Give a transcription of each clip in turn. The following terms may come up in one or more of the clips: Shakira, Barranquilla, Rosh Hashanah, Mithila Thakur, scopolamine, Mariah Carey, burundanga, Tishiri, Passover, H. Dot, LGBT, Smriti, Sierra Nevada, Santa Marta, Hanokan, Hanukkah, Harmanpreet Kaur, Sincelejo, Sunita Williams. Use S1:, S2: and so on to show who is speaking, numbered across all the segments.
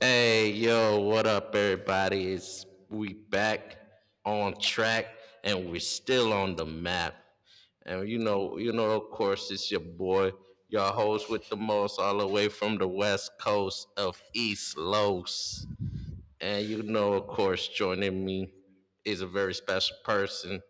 S1: Hey, yo, what up, everybody? It's we back on track, and we're still on the map. And of course, it's your boy, your host with the most, all the way from the west coast of East Los. And you know, of course, joining me is a very special person,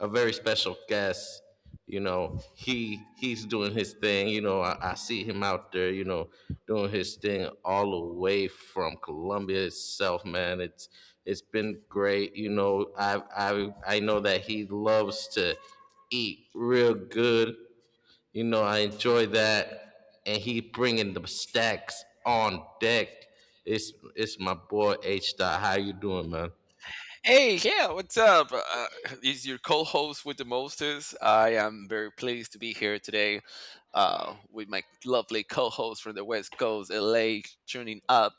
S1: a very special guest. He he's doing his thing. I see him out there. Doing his thing all the way from Columbia itself, man. It's been great. I know that he loves to eat real good, I enjoy that, and he bringing the stacks on deck. It's my boy H. Dot. How you doing, man?
S2: Hey, yeah, what's up? Is your co-host with the mostest? I am very pleased to be here today with my lovely co-host from the West Coast, LA, tuning up.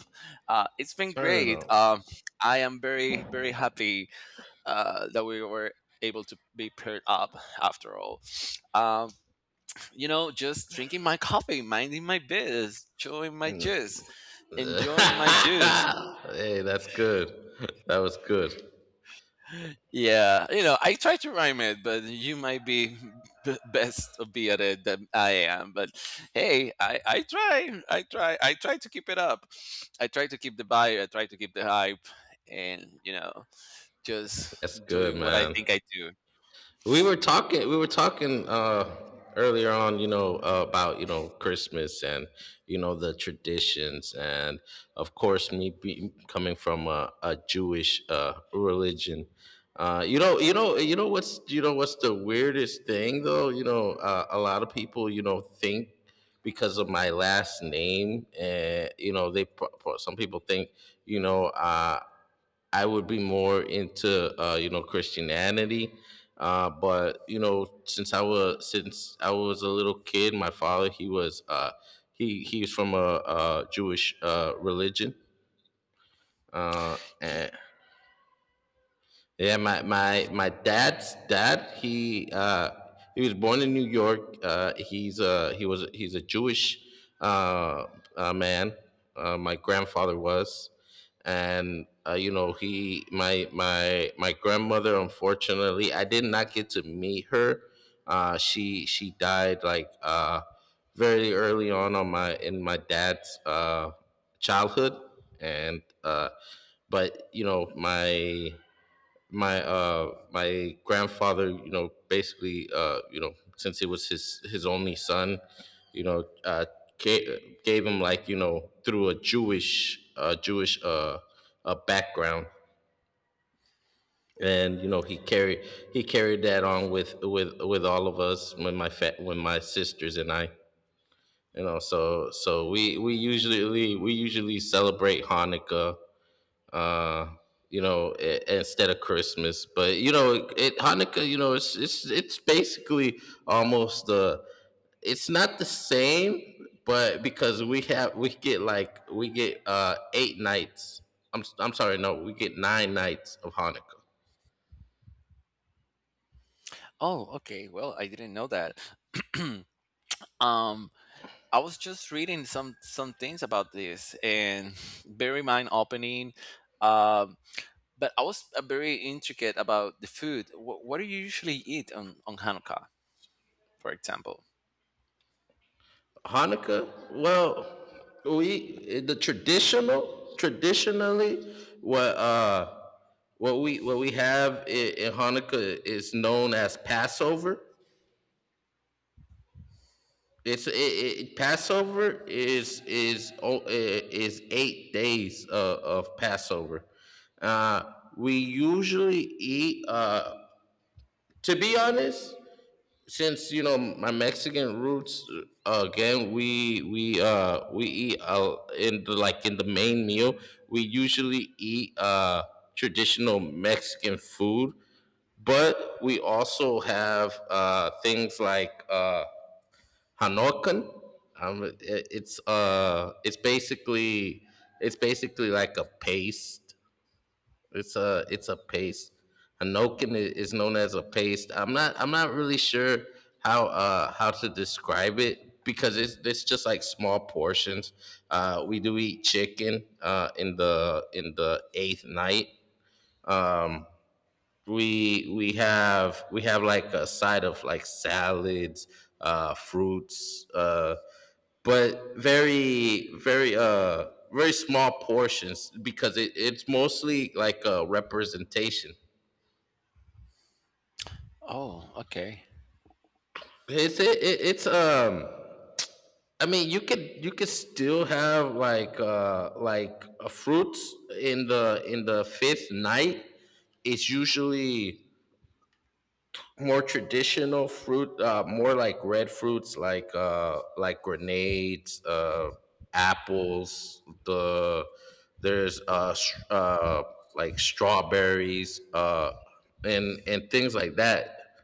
S2: It's been
S1: Turn it
S2: great.
S1: on.
S2: I am very, very happy that we were able to be paired up after all. Um, you know, just drinking my coffee, minding my biz, chewing my juice, enjoying my juice.
S1: Hey, that's good. That was good.
S2: Yeah, you know, I try to rhyme it, but you might be best be at it than I am. But hey, I try, I try, I try to keep it up. I try to keep the vibe. I try to keep the hype, and you know, just
S1: That's good,
S2: doing what I
S1: man.
S2: think I do.
S1: We were talking earlier on, about Christmas and the traditions, and of course me be, coming from a Jewish religion. Uh you know you know you know what's the weirdest thing though? A lot of people think, because of my last name, and you know, they some people think, you know uh I would be more into you know, Christianity, but you know, since I was a little kid, my father he was he was from a, Jewish religion, uh,
S2: Ye-
S1: and yeah, my dad's dad. He was born in New York. He's a he was, he's a Jewish uh, man. My grandfather was, and you know, he my my my grandmother, unfortunately, I did not get to meet her. She died like very early on my in my dad's childhood, and but you know, my grandfather, you know, basically, since he was his only son, you know uh gave him, like, you know, through a Jewish background, and you know, he carried that on with all of us, when my when my sisters and I, you know. So we usually celebrate Hanukkah, uh, you know, instead of Christmas. But you know, it Hanukkah, you know, it's basically almost it's not the same, but because we have we get like we get eight nights. I'm sorry, no, we get nine nights of Hanukkah.
S2: Oh, okay. Well, I didn't know that. um, I was just reading some things about this, and bear in mind opening. Um, But I was very intricate about the food. What do you usually eat on Hanukkah, for example?
S1: Hanukkah, well, we the traditional traditionally, what we have in Hanukkah is known as Passover. Passover is is 8 days of Passover. We usually eat. To be honest, since you know, my Mexican roots, again, we eat, in the, like in the main meal, we usually eat traditional Mexican food, but we also have, things like. Hanokan. It's basically, it's basically like a paste. It's a paste. Hanokan is known as a paste. I'm not really sure how to describe it, because it's just like small portions. We do eat chicken in the, in the eighth night. Um, we have like a side of like salads, fruits. But very small portions, because it's mostly like a representation.
S2: Oh, okay.
S1: It's it, it, it's I mean, you could still have, like, like a fruits in the, in the fifth night. It's usually more traditional fruit, more like red fruits, like, like grenades, apples. There's uh, s- uh, like strawberries, and things like that.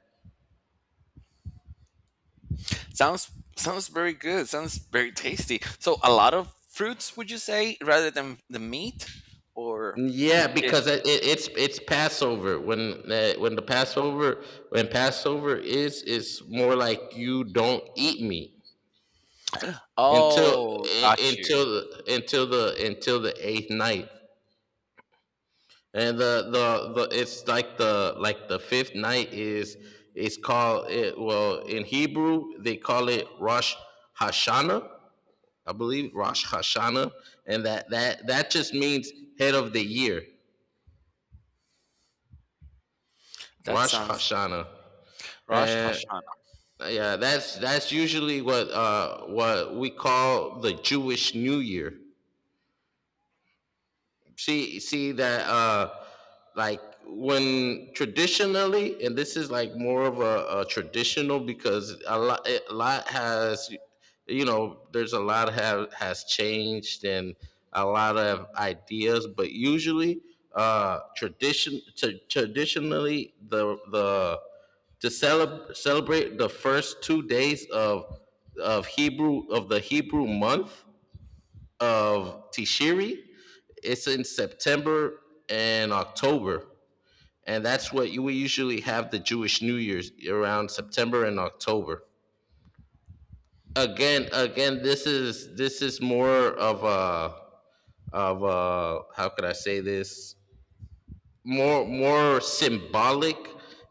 S2: Sounds Sounds very good. Sounds very tasty. So a lot of fruits, would you say, rather than the meat, or
S1: Yeah,
S2: it?
S1: because it's it's Passover. When Passover is more like, you don't eat meat until,
S2: Oh, got you.
S1: until the eighth night. And the it's like the fifth night is called, it, well, in Hebrew they call it Rosh Hashanah, I believe, Rosh Hashanah, and that just means head of the year,
S2: That
S1: Rosh
S2: sounds
S1: Hashanah.
S2: Rosh
S1: And
S2: Hashanah.
S1: yeah, that's usually what we call the Jewish New Year. See that like, when traditionally, and this is like more of a traditional, because a lot has, you know, there's a lot have has changed, and a lot of ideas, but usually traditionally, celebrate the first two days of hebrew of the Hebrew month of Tishiri. It's in September and October, and that's what we usually have the Jewish New Year's around September and October. Again, this is more of a, how could I say this, more, more symbolic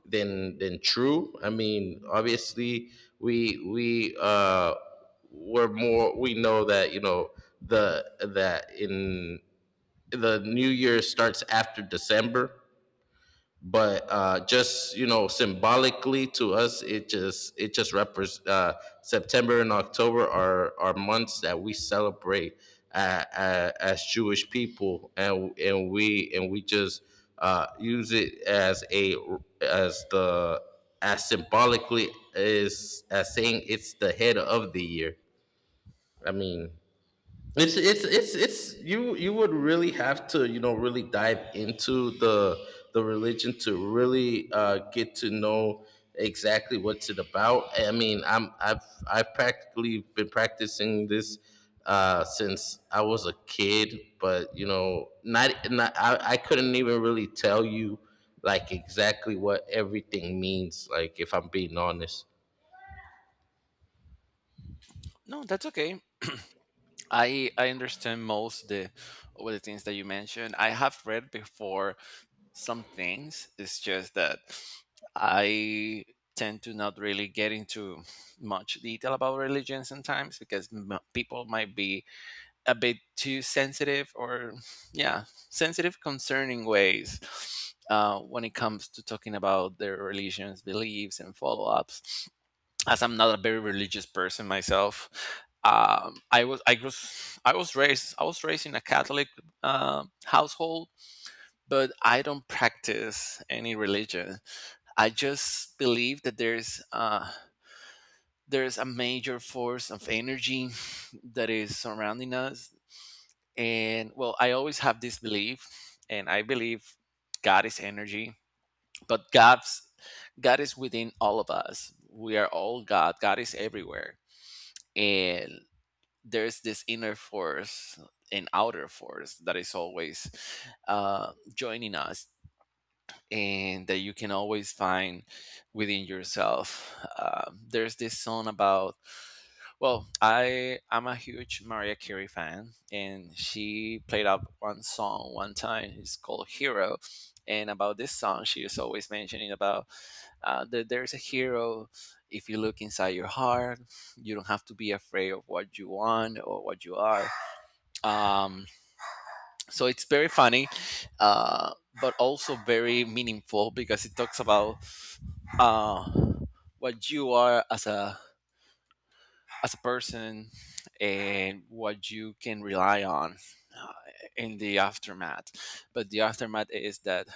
S1: than true. I mean, obviously, we we're more we know that, you know, the that in the new year starts after December, but just you know, symbolically, to us, it just, it just represents September and October are months that we celebrate, as Jewish people, and we just use it as a, as the, as symbolically is, as saying it's the head of the year. I mean, it's you would really have to, you know, really dive into the religion to really get to know exactly what's it about. I mean, I've practically been practicing this, since I was a kid, but you know, not not I couldn't even really tell you, like, exactly what everything means. Like, if I'm being honest,
S2: No, that's okay. I understand most the all the things that you mentioned. I have read before some things. It's just that I tend to not really get into much detail about religion sometimes because people might be a bit too sensitive or, yeah, sensitive concerning ways when it comes to talking about their religions, beliefs, and follow ups. As I'm not a very religious person myself, I was raised in a Catholic household, but I don't practice any religion. I just believe that there's a major force of energy that is surrounding us, and well, I always have this belief, and I believe God is energy, but God is within all of us. We are all God. God is everywhere, and there's this inner force and outer force that is always joining us and that you can always find within yourself. There's this song about well, I'm a huge Mariah Carey fan, and she played up one song one time. It's called Hero, and about this song, she is always mentioning about that there's a hero. If you look inside your heart, you don't have to be afraid of what you want or what you are. Um, so it's very funny uh, but also very meaningful because it talks about uh, what you are as a person and what you can rely on uh, in the aftermath but the aftermath is that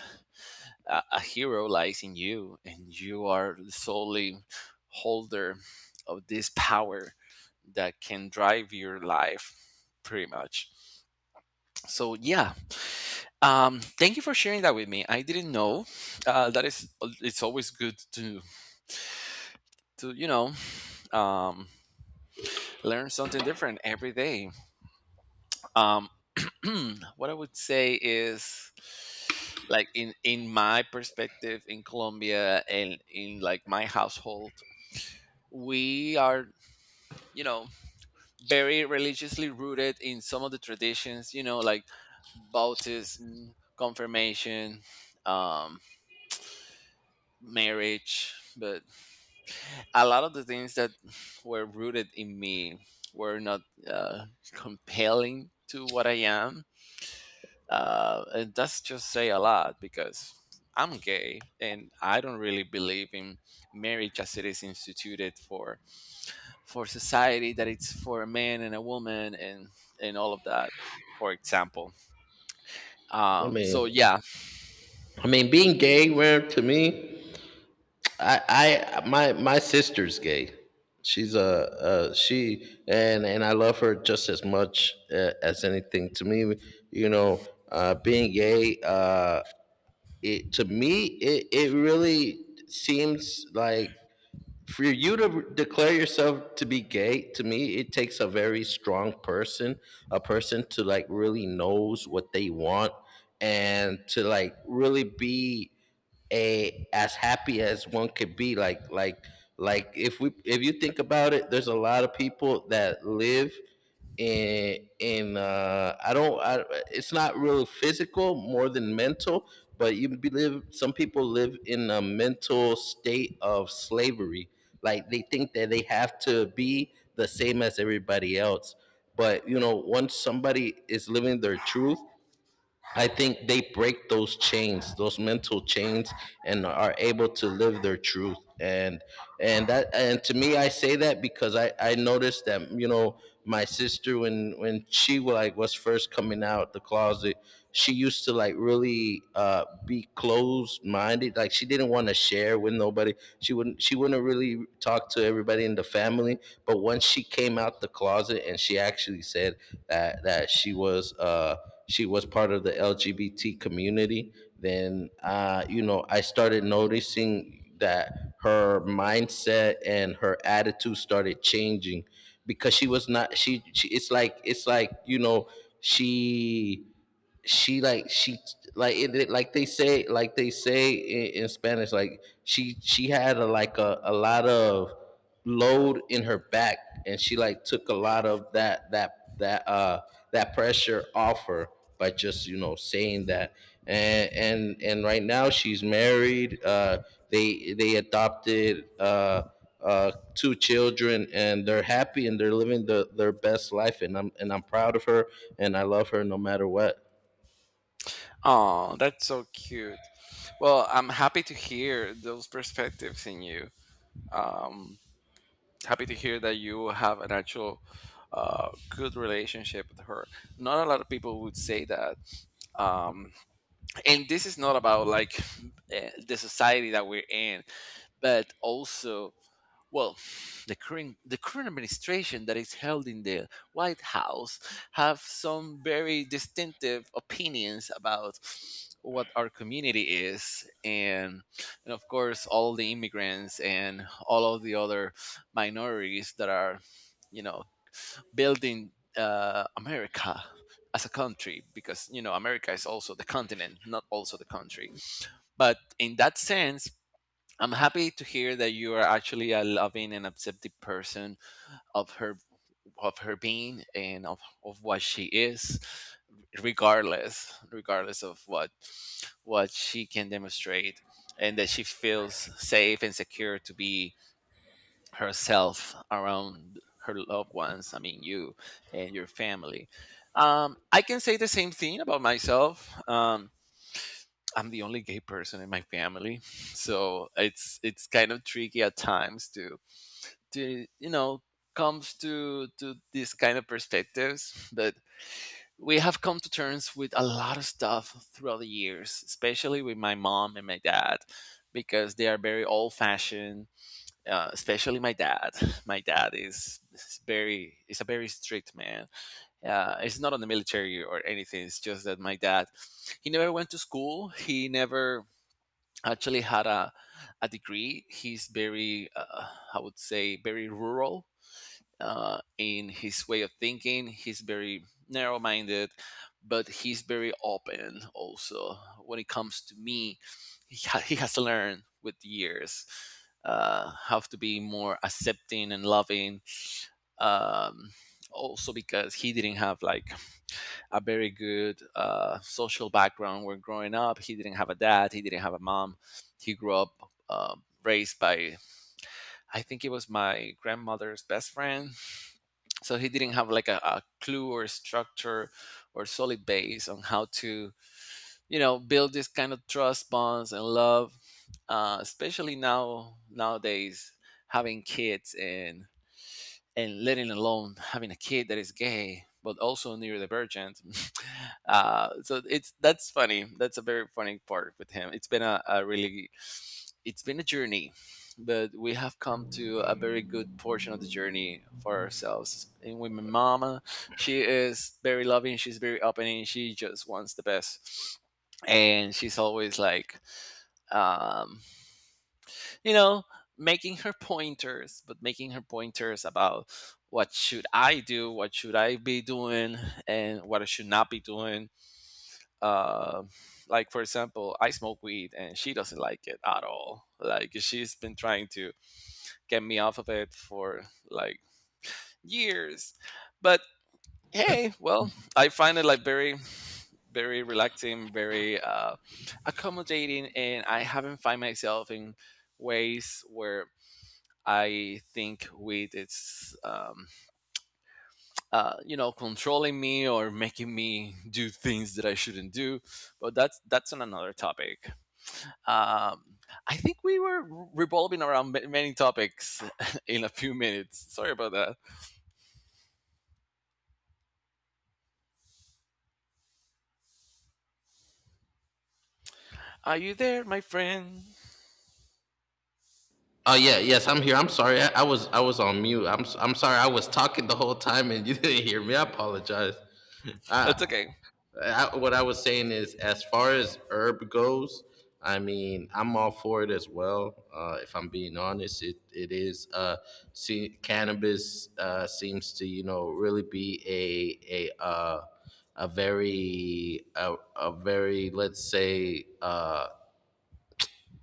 S2: a hero lies in you and you are the solely holder of this power that can drive your life pretty much so yeah. Thank you for sharing that with me. I didn't know. That is, it's always good to you know um, learn something different every day. Um, what I would say is, like in my perspective in Colombia and in like my household, we are you know very religiously rooted in some of the traditions. You know, like baptism, confirmation, um, marriage, but a lot of the things that were rooted in me were not compelling to what I am. And that's just say a lot because I'm gay and I don't really believe in marriage as it is instituted for society that it's for a man and a woman and all of that. For example,
S1: I
S2: so
S1: mean,
S2: yeah,
S1: I mean, being gay, man, to me, I, I, my sister's gay. She's a she, and and I love her just as much, as anything. To me, you know, being gay, it, to me, it really seems like, for you to declare yourself to be gay. To me, it takes a very strong person, a person to, like, really knows what they want, and to, like, really be a, as happy as one could be, like, like if we if you think about it, there's a lot of people that live in, I don't, it's not really physical more than mental, but you be live, some people live in a mental state of slavery. Like, they think that they have to be the same as everybody else, but you know, once somebody is living their truth, I think they break those chains, those mental chains, and are able to live their truth. And that, and to me, I say that because I noticed that, you know, my sister, when she, like, was first coming out the closet, she used to, like, really, be closed minded. Like, she didn't want to share with nobody. She wouldn't really talk to everybody in the family. But once she came out the closet, and she actually said that, she was. She was part of the LGBT community. Then, you know, I started noticing that her mindset and her attitude started changing, because she was not, she, it's like, it's like, you know, she she, like, it, like they say, like they say in Spanish, like, she had a, like a lot of load in her back, and she, like, took a lot of that, that pressure off her by just, you know, saying that. And, and right now she's married, they adopted, two children, and they're happy, and they're living the, their best life, and I'm proud of her, and I love her, no matter what.
S2: oh, that's so cute. Well, I'm happy to hear those perspectives in you. Um, happy to hear that you have an actual good relationship with her. Not a lot of people would say that. Um, and this is not about like the society that we're in, but also well, the current administration that is held in the White House have some very distinctive opinions about what our community is and of course all the immigrants and all of the other minorities that are you know building America as a country because you know America is also the continent not also the country but in that sense I'm happy to hear that you are actually a loving and accepting person of her of her being and of what she is, regardless of what she can demonstrate, and that she feels safe and secure to be herself around her loved ones. I mean, you and your family. I can say the same thing about myself. I'm the only gay person in my family, so it's kind of tricky at times to you know comes to these kind of perspectives. But we have come to terms with a lot of stuff throughout the years, especially with my mom and my dad, because they are very old fashioned. Especially my dad. My dad is very is a very strict man. It's not on the military or anything. It's just that my dad he never went to school. He never actually had a degree. He's very, I would say, very rural in his way of thinking. He's very narrow minded, but he's very open also. When it comes to me, he has learned with years how to be more accepting and loving. Um, also, because he didn't have like a very good social background when growing up. He didn't have a dad, he didn't have a mom. He grew up raised by, I think it was my grandmother's best friend. So he didn't have like a clue or structure or solid base on how to, you know, build this kind of trust bonds and love, especially now nowadays having kids and letting alone having a kid that is gay but also neurodivergent so it's that's funny that's a very funny part with him it's been a really it's been a journey but we have come to a very good portion of the journey for ourselves and with my mama she is very loving she's very opening she just wants the best and she's always like um, you know, making her pointers, but making her pointers about what should I do, what should I be doing, and what I should not be doing. Uh, like for example, I smoke weed, and she doesn't like it at all. Like she's been trying to get me off of it for like years, but hey, well, I find it like very, very relaxing, very accommodating, and I haven't find myself in ways where I think with its, you know, controlling me or making me do things that I shouldn't do. But that's on another topic. Um, I think we were revolving around many topics in a few minutes. Sorry about that. Are you there, my friend?
S1: Oh yeah, yes, I'm here. I'm sorry. I was on mute. I'm sorry. I was talking the whole time, and you didn't hear me. I apologize. I,
S2: That's okay.
S1: what I was saying is, as far as herb goes, I mean, I'm all for it as well. If I'm being honest, it is. See, cannabis seems to, you know, really be a, a very a very, let's say,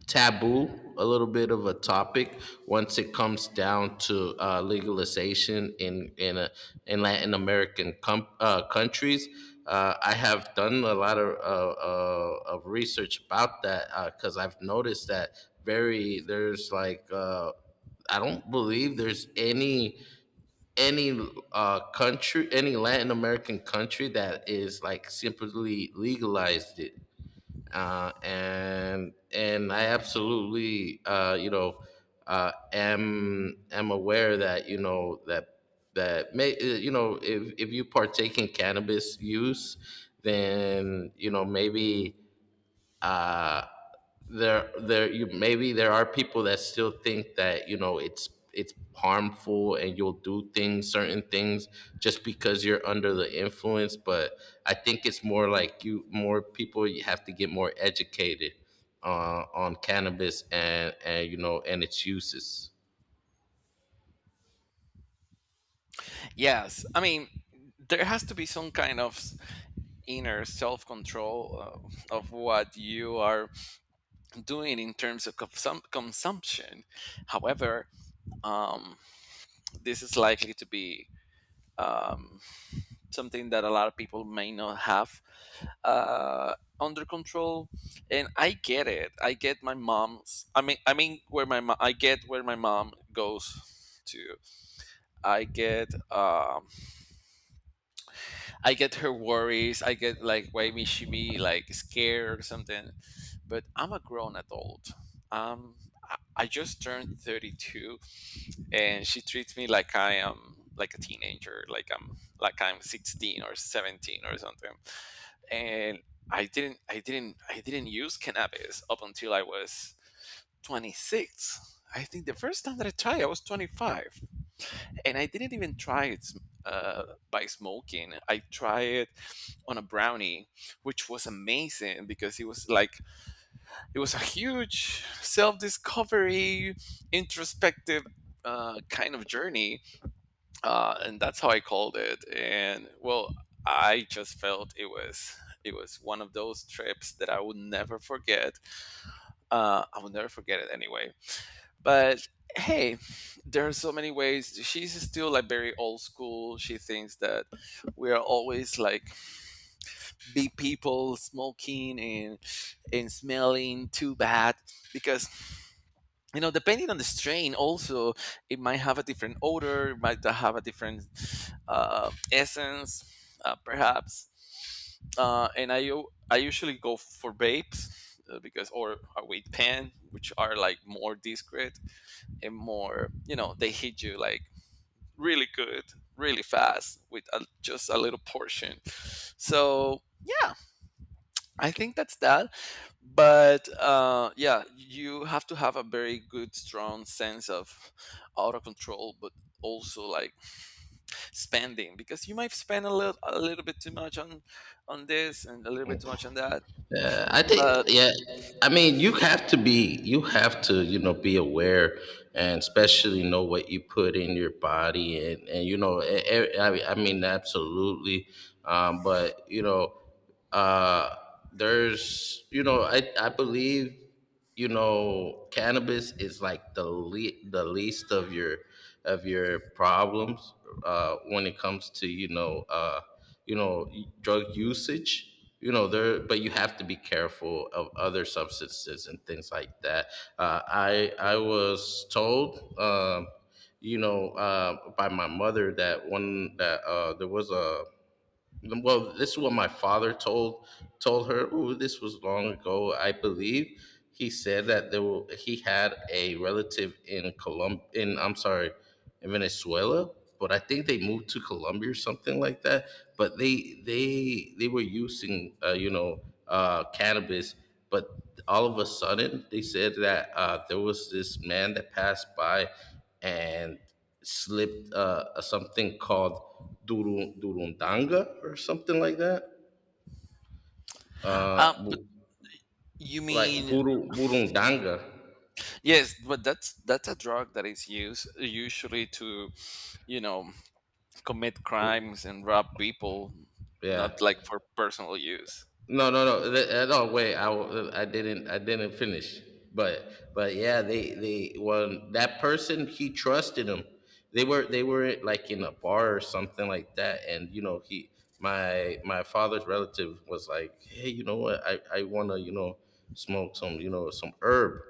S1: taboo, a little bit of a topic once it comes down to legalization in, in Latin American countries. I have done a lot of research about that because I've noticed that very there's like I don't believe there's any country, any Latin American country that is like simply legalized it. And I absolutely am aware that that that may, if you partake in cannabis use, then maybe uh, there there you maybe there are people that still think that it's harmful and you'll do things, certain things just because you're under the influence. But I think it's more like you, more people, you have to get more educated on cannabis and and its uses.
S2: Yes, I mean there has to be some kind of inner self-control of what you are doing in terms of some consumption. However, um, this is likely to be um, something that a lot of people may not have under control, and I get it. I get my mom's. I mean, I get where my mom goes to. I get um, I get her worries. I get like why may she be like scared or something. But I'm a grown adult. Um, I just turned 32 and she treats me like I am like a teenager, like I'm 16 or 17 or something. And I didn't use cannabis up until I was 26. I think the first time that I tried, I was 25, and I didn't even try it uh, by smoking. I tried it on a brownie, which was amazing because it was a huge self-discovery, introspective kind of journey and that's how I called it. And well, I just felt it was one of those trips that I would never forget. I would never forget it anyway. But hey, there are so many ways. She's still like very old school. She thinks that we are always like big people smoking and smelling too bad because you know, depending on the strain, also it might have a different odor, it might have a different essence, perhaps. And I usually go for vapes because or a weight pen, which are like more discreet and more, you know, they hit you like really good, really fast with just a little portion. So yeah, I think that's that. But yeah, you have to have a very good, strong sense of auto control, but also like spending because you might spend a little bit too much on this and a little bit too much on that.
S1: Yeah, I think,
S2: But,
S1: yeah. I mean, you have to be, you have to, you know, be aware and especially know what you put in your body. And I mean, absolutely. But, you know, uh there's, you know, I believe, you know, cannabis is like the least of your, of your problems, when it comes to, you know, drug usage. There, but you have to be careful of other substances and things like that. I was told, by my mother, that one, that there was a, well, this is what my father told, told her. Oh, this was long ago, I believe. He said that there were, he had a relative in Colum in I'm sorry, in Venezuela, but I think they moved to Colombia or something like that. But they were using, cannabis. But all of a sudden, they said that there was this man that passed by and slipped something called duru, durundanga or something like that. Uh,
S2: but
S1: bu-
S2: you
S1: like
S2: mean?
S1: buru, burundanga.
S2: Yes, but that's a drug that is used usually to, you know, commit crimes and rob people,
S1: Yeah.
S2: not like for personal use.
S1: No, wait. I, w- I didn't. I didn't finish. But yeah, they, well, that person, he trusted him. They were, they were like in a bar or something like that, and you know, he, my father's relative was like, hey, you know what? I wanna, you know, smoke some, you know, some herb.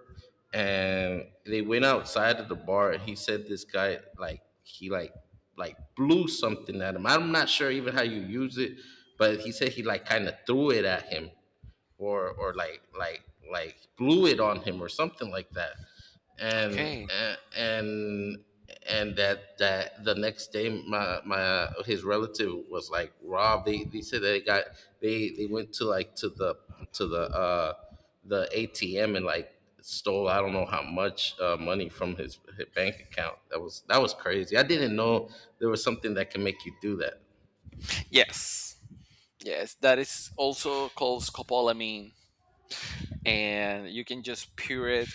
S1: And they went outside of the bar, and he said this guy like he like, blew something at him. I'm not sure even how you use it, but he said he like kind of threw it at him, or like blew it on him or something like that. and
S2: Okay.
S1: and- and that, that the next day, my, his relative was like rob, they said they got, they went to like to the, to the the ATM and like stole I don't know how much money from his bank account. That was, that was crazy. I didn't know there was something that can make you do that.
S2: Yes. Yes, that is also called scopolamine. And you can just pour it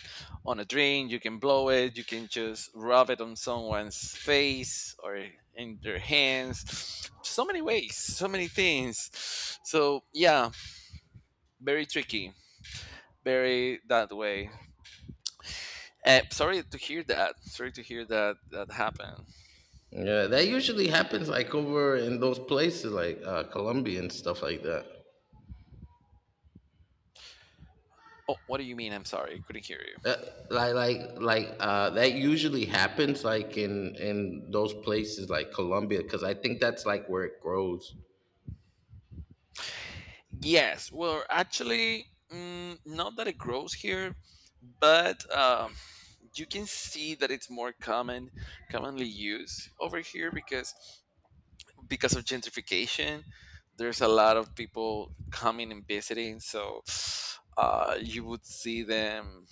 S2: on a drink, you can blow it, you can just rub it on someone's face or in their hands. So many ways, so many things. So, yeah, very tricky, very that way. Sorry to hear that. Sorry to hear that that happened.
S1: Yeah, that usually happens like over in those places like Colombia and stuff like that.
S2: Oh, what do you mean? I'm sorry, I couldn't hear you.
S1: That that usually happens like in those places like Colombia, because I think that's like where it grows.
S2: Yes, well, actually, not that it grows here, but you can see that it's more common commonly used over here because of gentrification there's a lot of people coming and visiting, so you would see them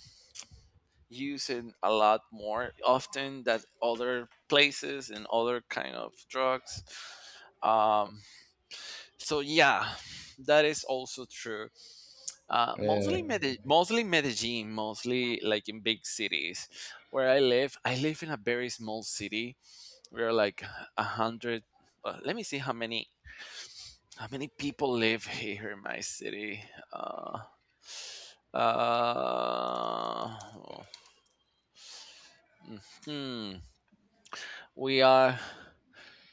S2: using a lot more often than other places and other kind of drugs. um, so yeah, that is also true. uh, mostly
S1: Yeah.
S2: Mede- mostly Medellin, mostly like in big cities. Where I live in a very small city. We are like a hundred. Let me see how many people live here in my city. Uh, uh, hmm. We are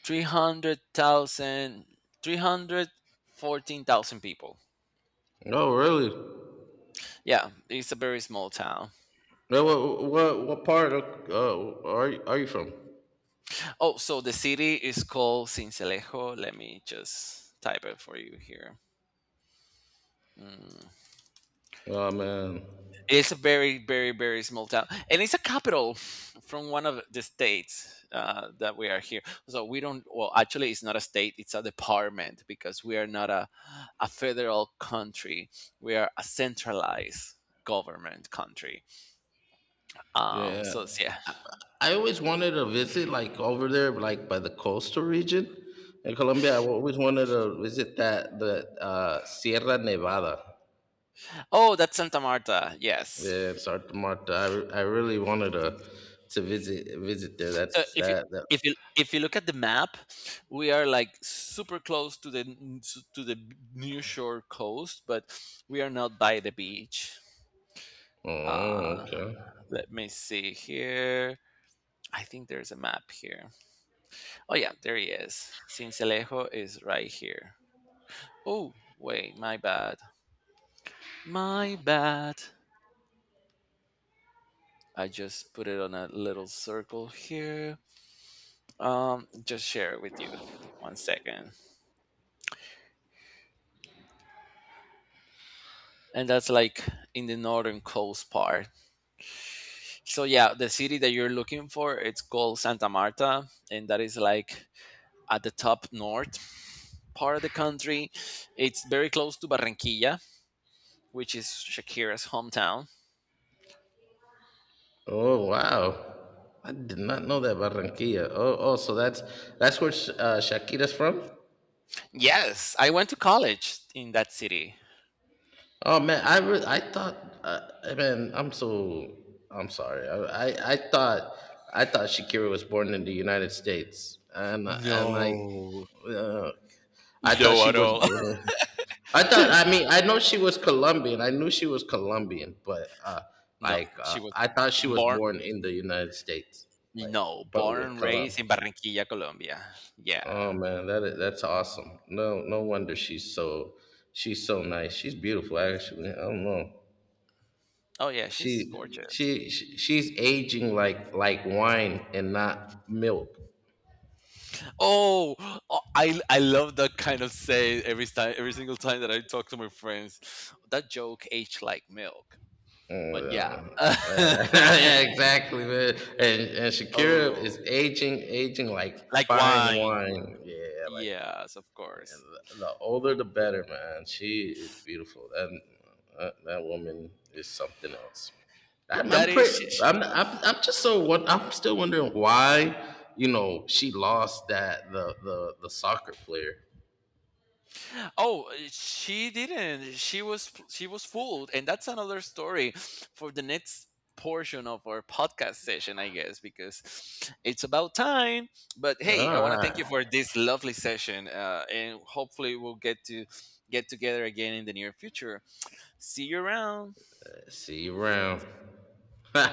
S2: 300,000, 314,000 people.
S1: Oh, really?
S2: Yeah, it's a very small town.
S1: Yeah, what, what part of, are you, are you from?
S2: Oh, so the city is called Sincelejo. Let me just type it for you here. Mm.
S1: Oh man.
S2: It's a very, very, very small town, and it's a capital from one of the states that we are here. So we don't. Well, actually, it's not a state; it's a department because we are not a federal country. We are a centralized government country.
S1: Yeah.
S2: So yeah.
S1: I always wanted to visit like over there, like by the coastal region in Colombia. I always wanted to visit that, the Sierra Nevada.
S2: Oh, that's Santa Marta. Yes.
S1: Yeah, Santa Marta. I really wanted to visit, there.
S2: So
S1: That's
S2: if you
S1: that, that.
S2: if you if you look at the map, we are like super close to the near shore coast, but we are not by the beach.
S1: Oh,
S2: Uh,
S1: okay.
S2: Let me see here. I think there's a map here. Oh yeah, there he is. Cincelejo is right here. Oh wait, my bad, my bad. I just put it on a little circle here. Just share it with you. One second. And that's like in the northern coast part. So yeah, the city that you're looking for, it's called Santa Marta, and that is like at the top north part of the country. It's very close to Barranquilla, which is Shakira's hometown.
S1: Oh, wow. I did not know that, Barranquilla. Oh, oh, so that's where Shakira's from.
S2: Yes, I went to college in that city.
S1: Oh man, I thought, I mean, I'm so, I'm sorry. I thought, I thought Shakira was born in the United States, and I,
S2: No,
S1: uh, I thought
S2: no
S1: she
S2: at
S1: was
S2: all.
S1: born. I thought, I mean, I know she was Colombian. I knew she was Colombian, but
S2: No, she was
S1: I thought she was
S2: born.
S1: born in the United States, like,
S2: No,
S1: but
S2: born
S1: with
S2: and raised in
S1: Columbus.
S2: Barranquilla, Colombia.
S1: Oh
S2: Yeah.
S1: man, that is, that's awesome. No, no wonder she's so, she's so nice. She's beautiful, actually. I don't know.
S2: Oh yeah,
S1: She,
S2: she's gorgeous.
S1: she's aging like wine and not milk.
S2: Oh, oh, I love that kind of say every time, every single time that I talk to my friends. That joke aged like milk, but yeah.
S1: Yeah, yeah, yeah, exactly, man. And Shakira
S2: Oh,
S1: is aging, aging like
S2: like
S1: fine
S2: wine.
S1: wine. Yeah, like,
S2: Yes, of
S1: and
S2: course.
S1: the older the better, man. She is beautiful. That, that, that woman is something else.
S2: That
S1: I'm
S2: is.
S1: pretty. I'm just so, won- I'm still wondering why, you know, she lost that, the soccer player.
S2: Oh, she didn't. She was fooled, and that's another story for the next portion of our podcast session, I guess, because it's about time. But hey, I
S1: All
S2: want to thank
S1: right.
S2: you for this lovely session, and hopefully we'll get to get together again in the near future. See you around.
S1: See you around.